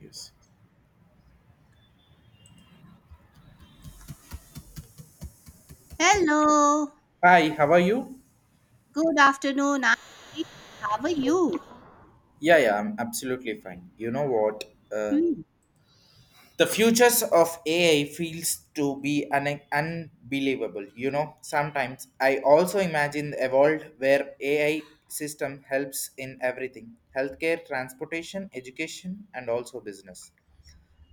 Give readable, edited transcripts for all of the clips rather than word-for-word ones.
Yes. Hello, Hi, how are you? good afternoon. Aunty. How are you? Yeah, I'm absolutely fine. You know what? Uh, Hmm. the futures of AI feels to be unbelievable. You know, sometimes I also imagine a world where AI system helps in everything: healthcare, transportation, education, and also business.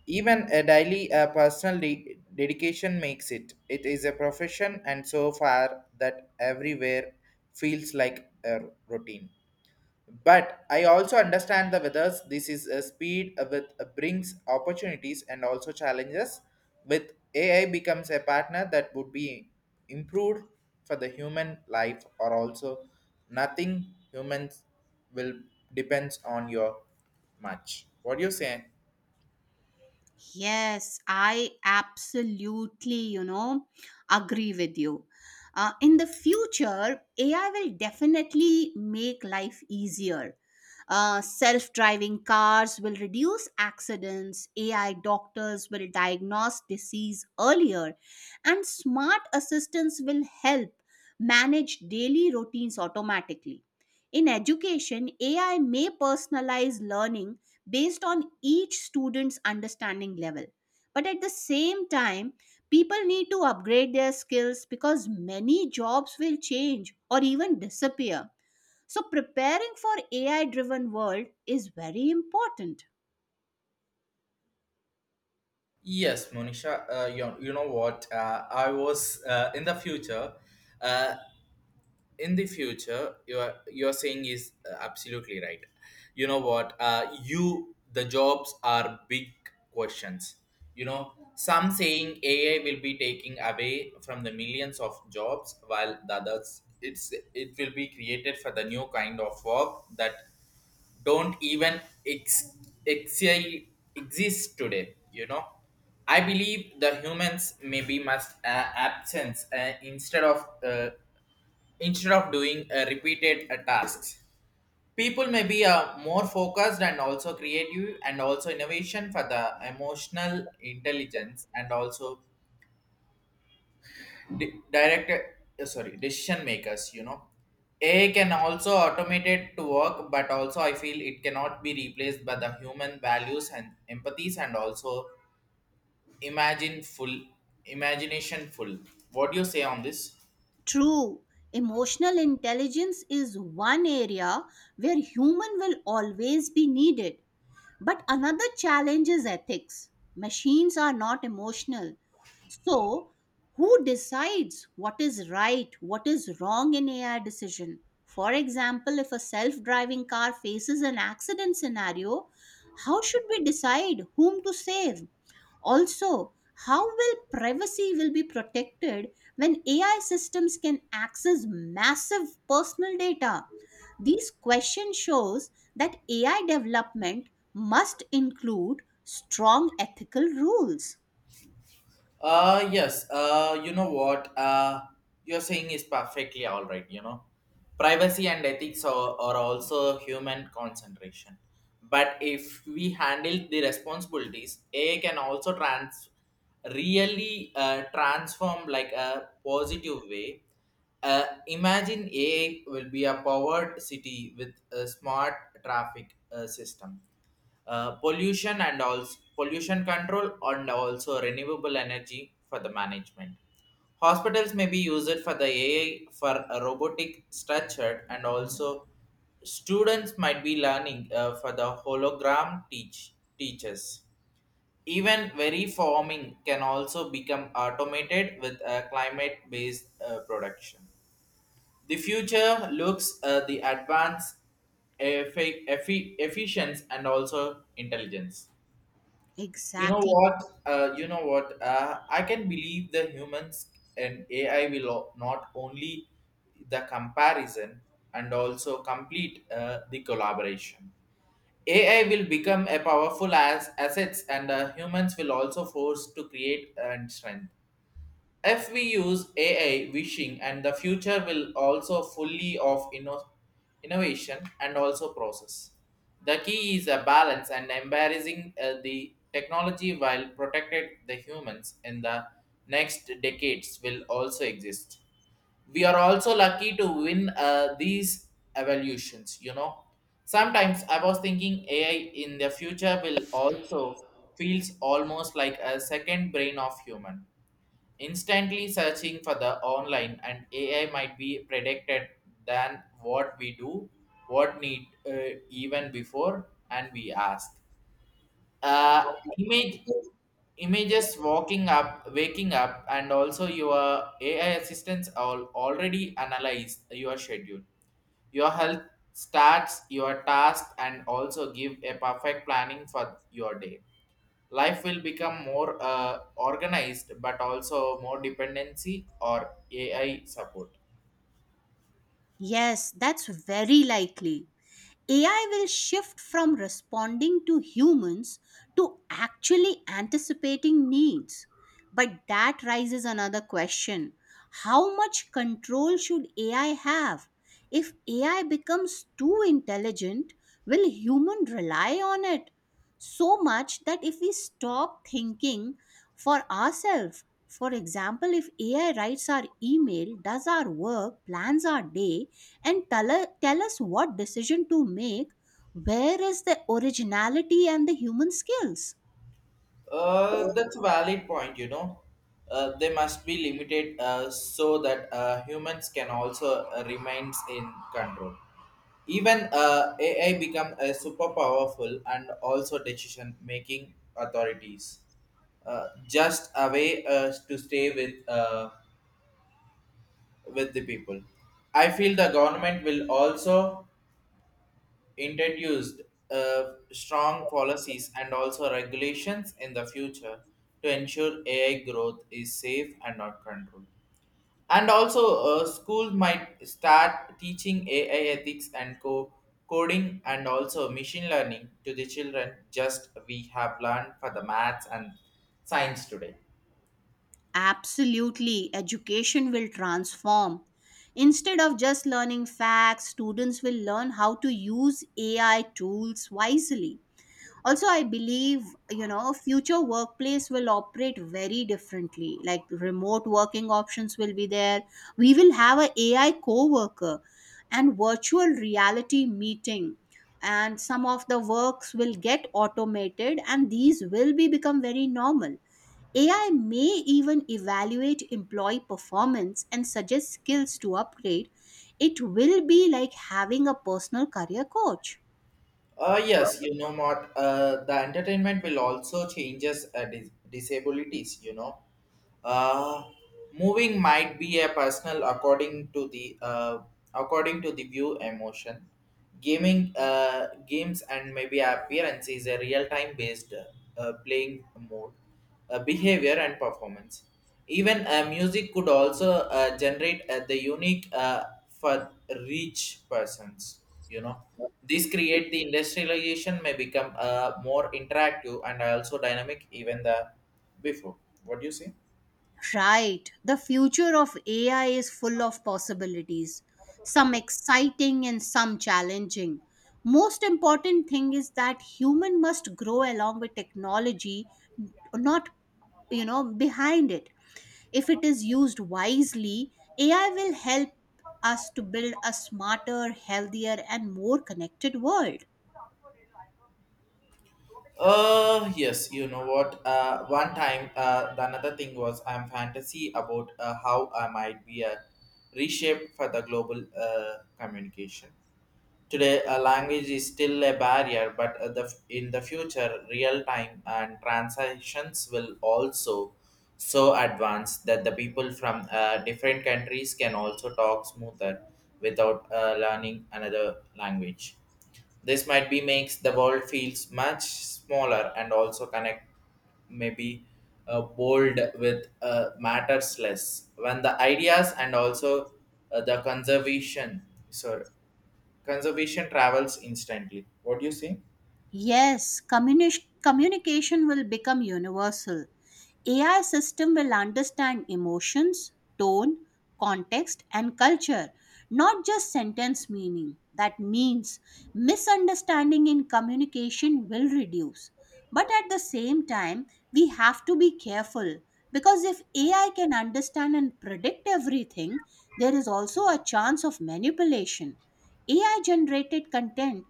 Even a daily personal dedication makes it. It is a profession, and so far that everywhere feels like a routine. But I also understand the withers this is a speed with brings opportunities and also challenges. With AI becomes a partner that would be improved for the human life or also nothing humans will depends on your much. What do you say? Yes, I absolutely, agree with you. In the future, AI will definitely make life easier. Self driving cars will reduce accidents, AI doctors will diagnose disease earlier, and smart assistants will help manage daily routines automatically. In education, AI may personalize learning based on each student's understanding level. But at the same time, people need to upgrade their skills because many jobs will change or even disappear. So preparing for AI driven world is very important. Yes, Monisha, you know what? I was in the future. Uh, in the future you are saying is absolutely right, you know what, you the jobs are big questions, you know, some saying AI will be taking away from the millions of jobs while the others it will be created for the new kind of work that don't even ex, ex, exist today, you know. I believe the humans maybe must absence instead of doing repeated tasks. People may be more focused and also creative and also innovation for the emotional intelligence and also direct sorry decision makers. You know, AI can also automate it to work, but also I feel it cannot be replaced by the human values and empathies and also imagine full imagination full. What do you say on this? True, emotional intelligence is one area where human will always be needed. But another challenge is ethics. Machines are not emotional. So, who decides what is right, what is wrong in AI decision? For example, if a self driving car faces an accident scenario, how should we decide whom to save? Also, how will privacy will be protected when AI systems can access massive personal data? This question shows that AI development must include strong ethical rules. Yes. You know what? You're saying is perfectly all right. You know, privacy and ethics are also human concentration. But if we handle the responsibilities, AI can also trans really transform like a positive way. Imagine AI will be a powered city with a smart traffic system, pollution and also pollution control and also renewable energy for the management. Hospitals may be used for the AI for a robotic structure, and also students might be learning for the hologram teachers. Even very farming can also become automated with a climate-based production. The future looks the advanced efficiency and also intelligence. You know Exactly. what? I can believe the humans and AI will not only the comparison and also complete the collaboration. AI will become a powerful as assets, and humans will also force to create and strength if we use AI wishing, and the future will also fully of innovation and also process. The key is a balance and embarrassing the technology while protected the humans in the next decades will also exist. We are also lucky to win these evolutions, you know. Sometimes I was thinking AI in the future will also feels almost like a second brain of human. Instantly searching for the online, and AI might be predicted than what we do, what need even before, and we ask. Uh, image images walking up waking up, and also your AI assistants all already analyze your schedule, your health stats, your task, and also give a perfect planning for your day. Life will become more organized but also more dependency or AI support. Yes, that's very likely. AI will shift from responding to humans to actually anticipating needs. But that raises another question, how much control should AI have? If AI becomes too intelligent, will human rely on it? So much that if we stop thinking for ourselves, for example, if AI writes our email, does our work, plans our day, and tell us what decision to make, where is the originality and the human skills? That's a valid point, you know. They must be limited so that humans can also remains in control even AI become a super powerful and also decision making authorities, just a way to stay with the people. I feel the government will also introduced strong policies and also regulations in the future to ensure AI growth is safe and not controlled. And also, schools might start teaching AI ethics and coding and also machine learning to the children, just we have learned for the maths and science today. Absolutely, education will transform. Instead of just learning facts, students will learn how to use AI tools wisely. Also, I believe, future workplace will operate very differently. Like remote working options will be there, we will have a AI co-worker and virtual reality meeting, and some of the works will get automated, and these will be become very normal. AI may even evaluate employee performance and suggest skills to upgrade. It will be like having a personal career coach. Yes, you know what? The entertainment will also changes disabilities, you know. Uh, Moving might be a personal according to the view emotion. Gaming games and maybe appearance is a real time based playing mode, behavior and performance. Even music could also generate the unique for rich persons. You know, this create the industrialization may become more interactive and also dynamic even the before. What do you say? Right. The future of AI is full of possibilities, some exciting and some challenging. Most important thing is that human must grow along with technology, not, behind it. If it is used wisely, AI will help us to build a smarter, healthier and more connected world. Yes, you know what? One time, the another thing was I'm fantasy about how I might be a reshape for the global communication. Today, a language is still a barrier, but in the future, real time and transactions will also so advanced that the people from different countries can also talk smoother without learning another language. This might be makes the world feels much smaller and also connect. Maybe bold with matters less when the ideas and also the conservation sorry conservation travels instantly. What do you say? Yes, communication will become universal. AI system will understand emotions, tone, context and culture, not just sentence meaning. That means misunderstanding in communication will reduce. But at the same time, we have to be careful because if AI can understand and predict everything, there is also a chance of manipulation. AI generated content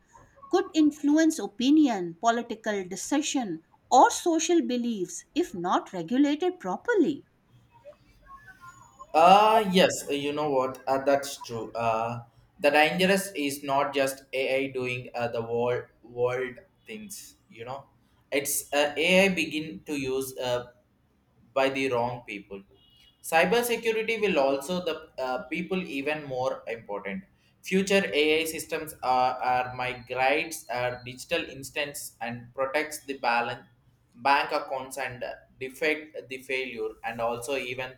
could influence opinion, political decision, or social beliefs if not regulated properly. Yes, you know what? That's true. The dangerous is not just AI doing the world things. You know, it's AI begin to use by the wrong people. Cybersecurity will also the people even more important. Future AI systems are migrates are digital instance and protects the balance bank accounts and defect the failure and also even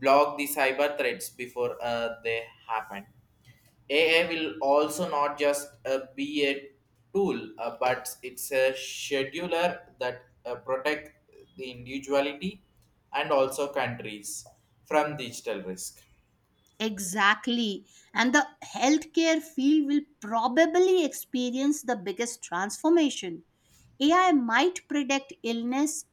block the cyber threats before they happen. AI will also not just be a tool, but it's a scheduler that protect the individuality and also countries from digital risk. Exactly. And the healthcare field will probably experience the biggest transformation. AI might predict illness,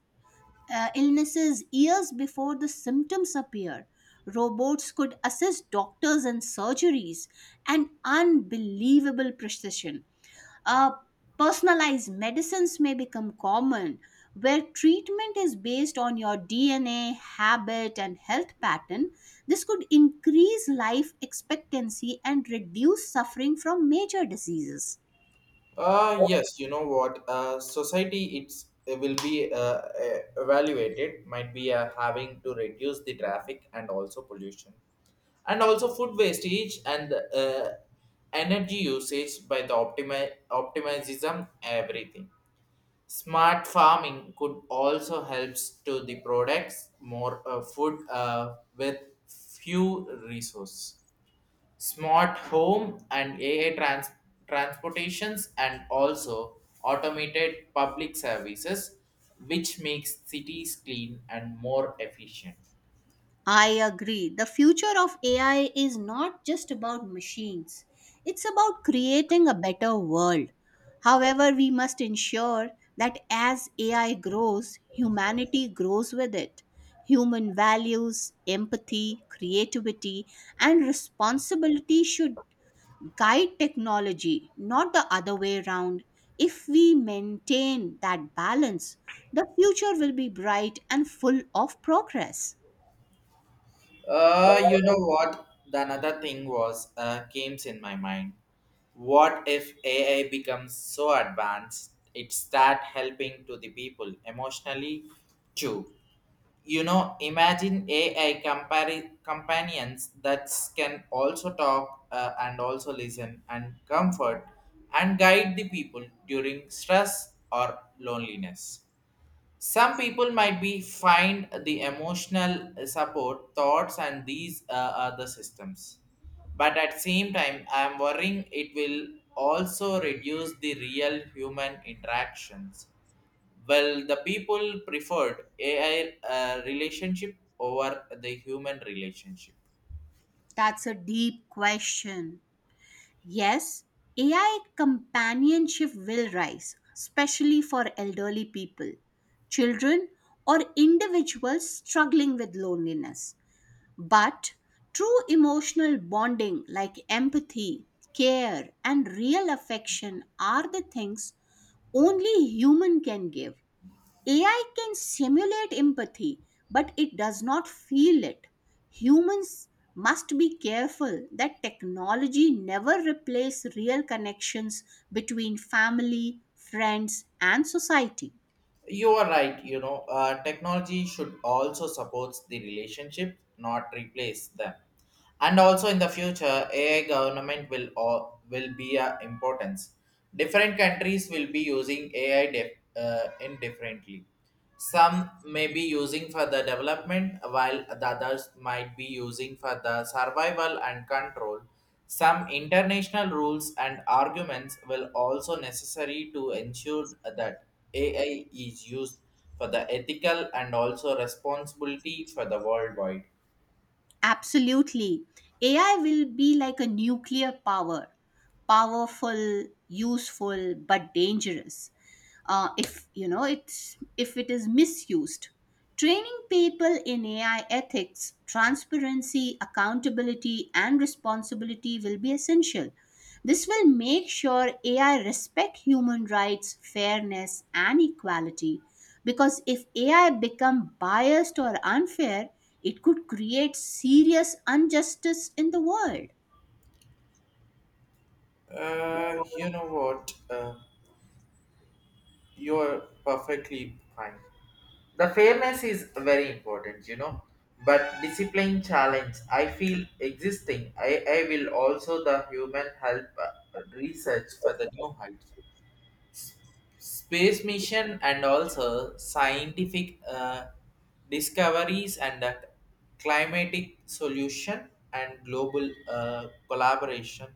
uh, illnesses years before the symptoms appear. Robots could assist doctors in surgeries and unbelievable precision. Uh, Personalized medicines may become common, where treatment is based on your DNA, habit, and health pattern. This could increase life expectancy and reduce suffering from major diseases. Yes, you know what? Society it will be evaluated. Might be having to reduce the traffic and also pollution, and also food wastage and energy usage by the optimism everything. Smart farming could also helps to the products more food with few resources. Smart home and AI transportations and also automated public services, which makes cities clean and more efficient. I agree. The future of AI is not just about machines, it's about creating a better world. However, we must ensure that as AI grows, humanity grows with it. Human values, empathy, creativity, and responsibility should guide technology, not the other way around. If we maintain that balance, the future will be bright and full of progress. You know what? The another thing was came in my mind. What if AI becomes so advanced it start helping to the people emotionally too? You know, imagine AI companions that can also talk and also listen and comfort and guide the people during stress or loneliness. Some people might be find the emotional support thoughts and these are the systems, but at same time I am worrying it will also reduce the real human interactions, well the people preferred AI relationship over the human relationship. That's a deep question. Yes, AI companionship will rise, especially for elderly people, children, or individuals struggling with loneliness. But true emotional bonding like empathy, care, and real affection are the things only human can give. AI can simulate empathy, but it does not feel it. Humans must be careful that technology never replace real connections between family, friends, and society. You are right, you know, technology should also support the relationship, not replace them. And also in the future, AI government will or will be a importance. Different countries will be using AI indifferently. Some may be using for the development, while the others might be using for the survival and control. Some international rules and arguments will also necessary to ensure that AI is used for the ethical and also responsibility for the worldwide. Absolutely. AI will be like a nuclear power, powerful, useful, but dangerous. If you know it's if it is misused, training people in AI ethics, transparency, accountability, and responsibility will be essential. This will make sure AI respect human rights, fairness, and equality, because if AI become biased or unfair, it could create serious injustice in the world. You know what? You're perfectly fine. The fairness is very important, you know. But discipline challenge, I feel existing. I will also the human help research for the new heights, space mission and also scientific discoveries and climatic solution and global collaboration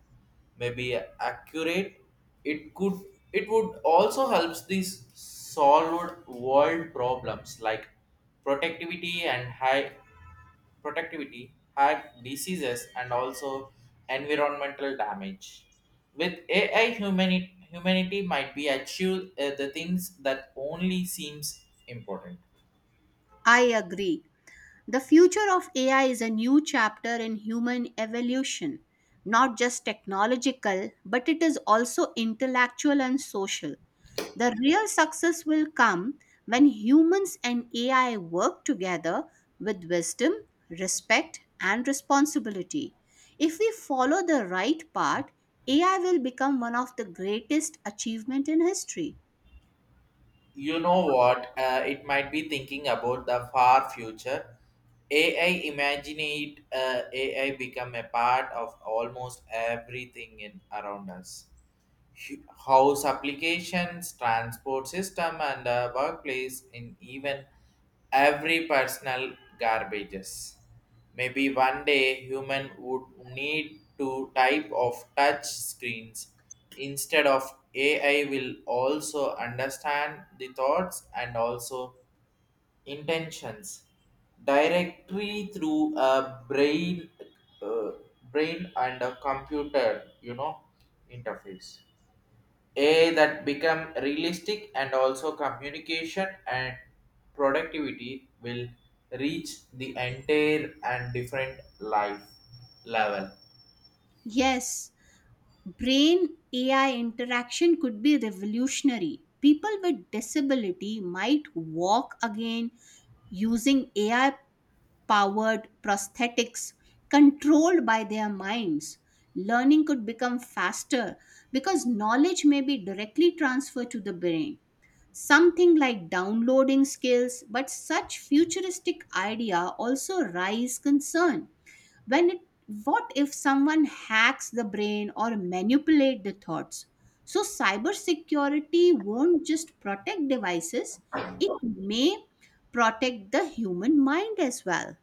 may be accurate. it could it would also helps these solve world problems like productivity and high productivity, have diseases, and also environmental damage. With AI, humanity might be achieve the things that only seems important. I agree, the future of AI is a new chapter in human evolution, not just technological, but it is also intellectual and social. The real success will come when humans and AI work together with wisdom, respect, and responsibility. If we follow the right path, AI will become one of the greatest achievement in history. You know what? It might be thinking about the far future. AI imagine it. AI become a part of almost everything in around us: house applications, transport system, and workplace in even every personal garbages. Maybe one day human would need to type of touch screens instead of. AI will also understand the thoughts and also intentions directly through a brain, uh, brain and a computer, you know, interface a that become realistic, and also communication and productivity will reach the entire and different life level. Yes, brain AI interaction could be revolutionary. People with disability might walk again using AI powered prosthetics controlled by their minds. Learning could become faster because knowledge may be directly transferred to the brain. Something like downloading skills, but such futuristic idea also raise concern. When it, what if someone hacks the brain or manipulate the thoughts? So cybersecurity won't just protect devices, it may protect the human mind as well.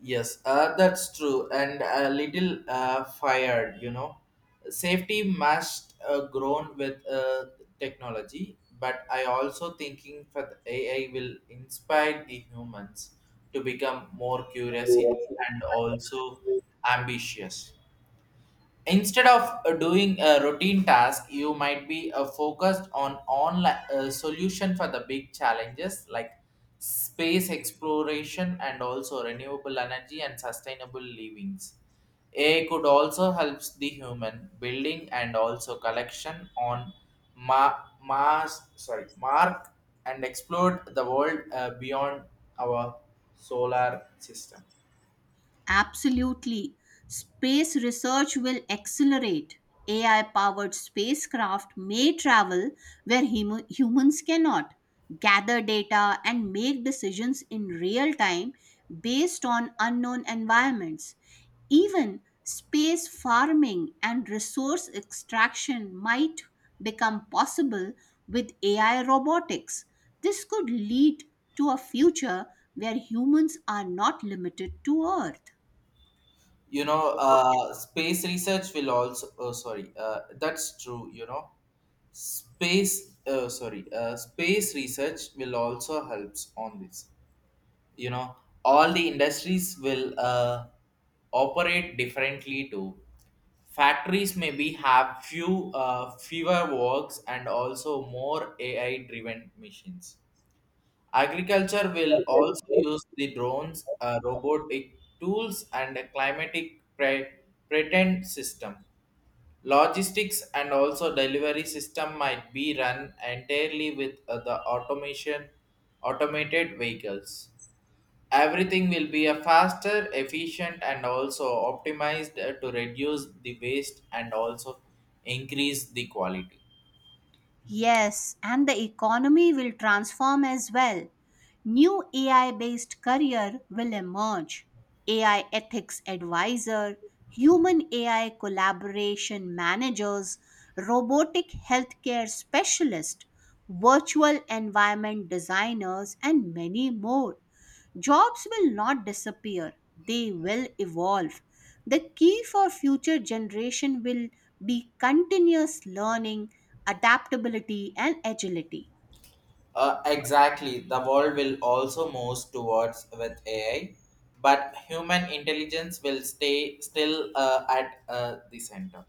Yes, that's true and a little fired, you know. Safety must grown with technology, but I also thinking that AI will inspire the humans to become more curiosity and also ambitious. Instead of doing a routine task, you might be focused on online solution for the big challenges like space exploration and also renewable energy and sustainable livings. AI could also helps the human building and also collection on ma- Mars, sorry, Mark, and explore the world beyond our solar system. Absolutely. Space research will accelerate. AI powered spacecraft may travel where humans cannot, gather data, and make decisions in real time based on unknown environments. Even space farming and resource extraction might become possible with AI robotics. This could lead to a future where humans are not limited to Earth. Space research will also, oh sorry that's true. Space research will also helps on this. you know all the industries will operate differently too. Factories maybe have fewer works and also more AI driven machines. Agriculture will also use the drones, robotic tools, and a pretend system. Logistics and also delivery system might be run entirely with the automated vehicles. Everything will be a faster, efficient, and also optimized to reduce the waste and also increase the quality. Yes, and the economy will transform as well. New AI based career will emerge. AI ethics advisor, human AI collaboration managers, robotic healthcare specialist, virtual environment designers and many more. Jobs will not disappear, they will evolve. The key for future generation will be continuous learning, adaptability and agility. Exactly. The world will also move towards with AI, but human intelligence will stay still at the center.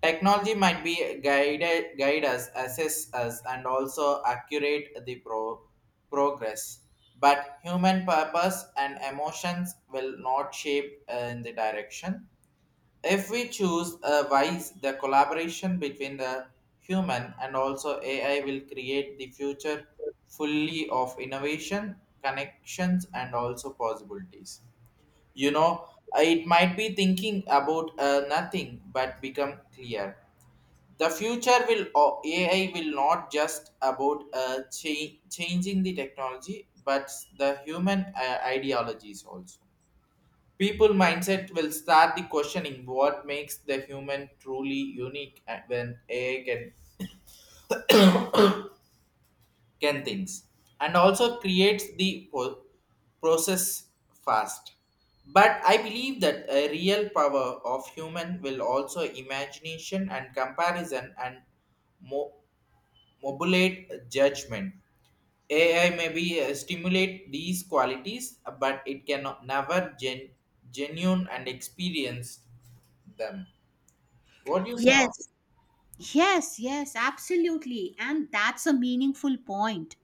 Technology might be guide us, assist us, and also accurate the progress. But human purpose and emotions will not shape in the direction. If we choose a wise, the collaboration between the human and also AI will create the future fully of innovation, connections, and also possibilities. You know, it might be thinking about nothing but become clear. The future will o- AI will not just about changing the technology, but the human ideologies also people mindset will start the questioning what makes the human truly unique and when AI can things and also creates the process fast. But I believe that a real power of human will also imagination and comparison and mo- modulate judgment. AI may be stimulate these qualities, but it cannot never genuine and experience them. What do you say? Yes, yes, yes, absolutely. And that's a meaningful point.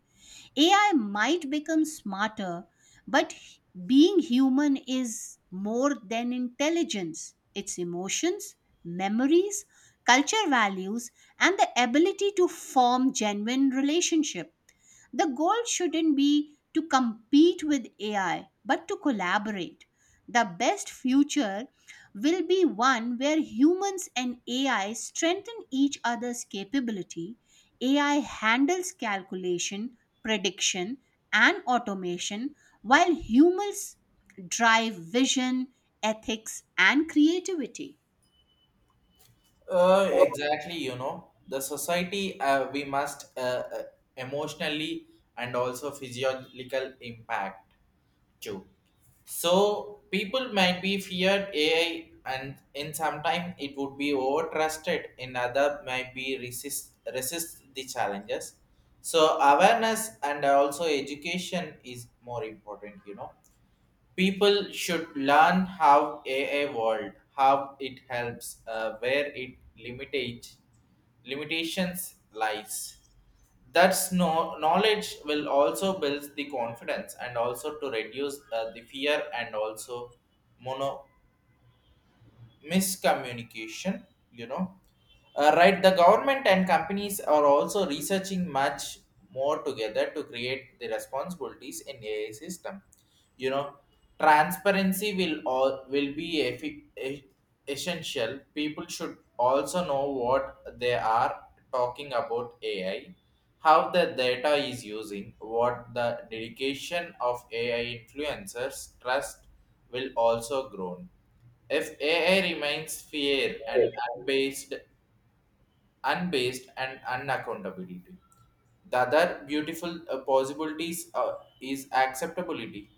AI might become smarter, but being human is more than intelligence. It's emotions, memories, culture values, and the ability to form genuine relationships. The goal shouldn't be to compete with AI, but to collaborate. The best future will be one where humans and AI strengthen each other's capability. AI handles calculation, prediction, and automation, while humans drive vision, ethics, and creativity. Exactly, you know, the society we must emotionally and also physiological impact too. So people might be feared AI, and in some time it would be over trusted. In other, might be resist the challenges. So awareness and also education is more important, you know people should learn how AI world, how it helps, where it limitations lies. That's no knowledge will also build the confidence and also to reduce the fear and also mono miscommunication. you know right, the government and companies are also researching much more together to create the responsibilities in AI system. you know Transparency will be essential. People should also know what they are talking about AI, how the data is using, what the dedication of AI influencers trust will also grow if AI remains fair and unbased, unbased and unaccountability, the other beautiful possibilities is acceptability.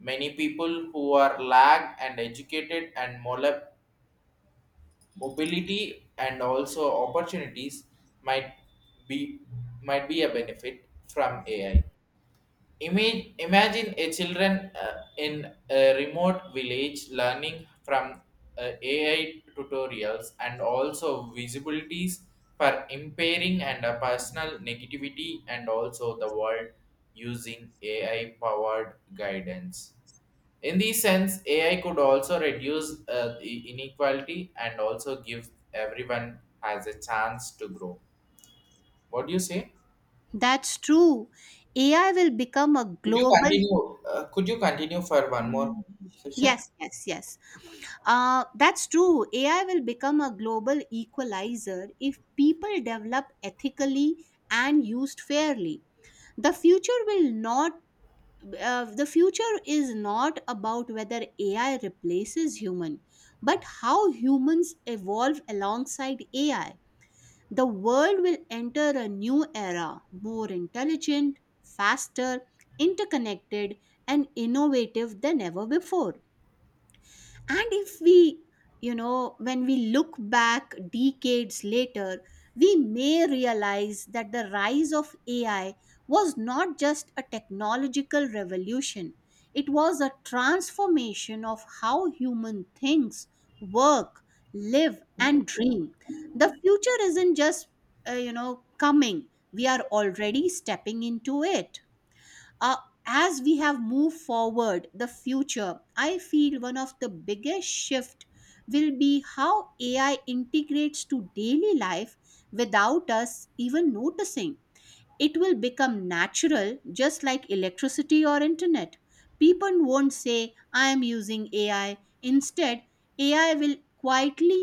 Many people who are lagged and educated and mobility and also opportunities might be be a benefit from AI. Imagine a children in a remote village learning from AI tutorials and also visibilities for impairing and personal negativity and also the world using AI powered guidance. In this sense, AI could also reduce the inequality and also give everyone has a chance to grow. What do you say? That's true. AI will become a Could you global. continue? Could you continue for E E one more E. session? Yes, yes, yes. That's true. AI will become a global equalizer if people develop ethically and used fairly. The future will not. The future is not about whether AI replaces human, but how humans evolve alongside AI. The world will enter a new era, more intelligent, faster, interconnected, and innovative than ever before. And if we, when we look back decades later, we may realize that the rise of AI was not just a technological revolution, it was a transformation of how human thinks, work, live, and dream. The future isn't just, coming, we are already stepping into it. Uh, as we have moved forward the future, I feel one of the biggest shift will be how AI integrates to daily life without us even noticing. It will become natural, just like electricity or internet. People won't say I am using AI, instead AI will quietly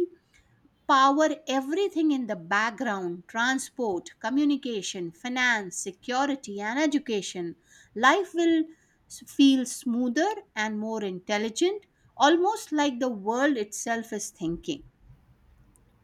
power everything in the background: transport, communication, finance, security, and education. Life will feel smoother and more intelligent, almost like the world itself is thinking.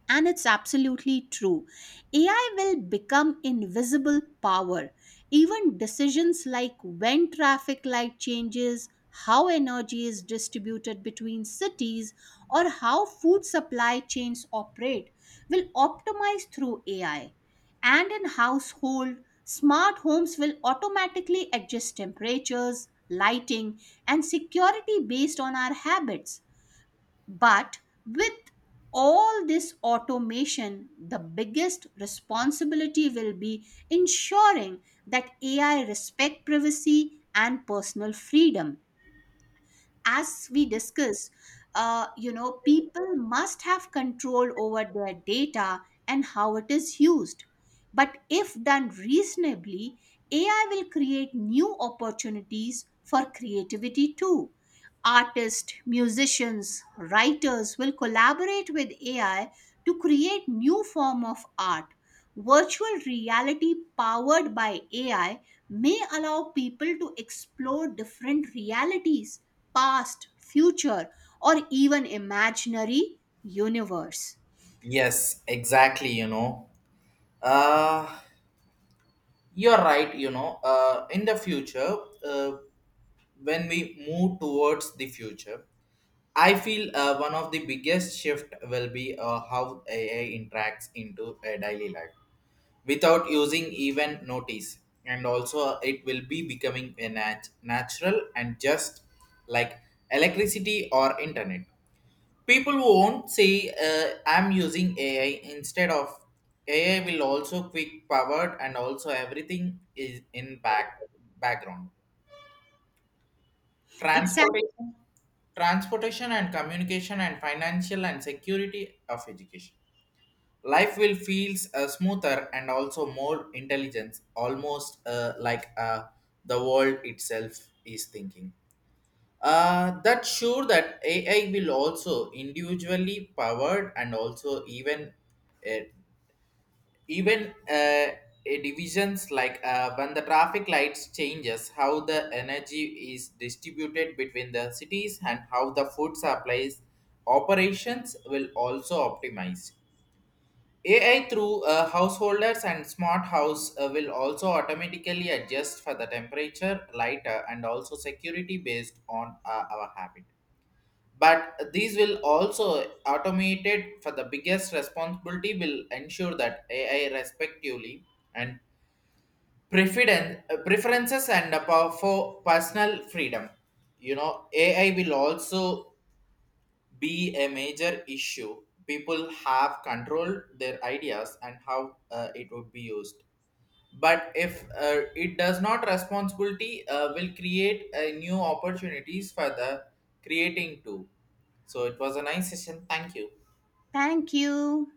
And it's absolutely true. AI will become invisible power. Even decisions like when traffic light changes, how energy is distributed between cities, or how food supply chains operate will optimize through AI. And in household, smart homes will automatically adjust temperatures, lighting, and security based on our habits. But with all this automation, the biggest responsibility will be ensuring that AI respect privacy and personal freedom. As we discuss, people must have control over their data and how it is used. But if done reasonably, AI will create new opportunities for creativity too. Artists, musicians, writers will collaborate with AI to create new form of art. Virtual reality powered by AI may allow people to explore different realities, past, future, or even imaginary universe. Yes, exactly. Uh, you're right. In the future, uh, when we move towards the future, I feel one of the biggest shift will be how AI interacts into a daily life without using even notice, and also it will be becoming a natural and just like electricity or internet. People won't say I'm using AI instead of. AI will also quick powered and also everything is in background: Exactly. transportation, transportation and communication, and financial, and security of education. Life will feels smoother and also more intelligence, almost like the world itself is thinking. That sure that AI will also individually powered and also even uh, even uh, uh, divisions like when the traffic lights changes, how the energy is distributed between the cities, and how the food supplies operations will also optimize. AI through householders and smart house will also automatically adjust for the temperature, lighter, and also security based on our habit. But these will also automated for the biggest responsibility will ensure that AI respectively and preferences and power for personal freedom. AI will also be a major issue. People have control their ideas and how it would be used. But if it does not responsibility will create new opportunities for the creating too. So it was a nice session, thank you. Thank you.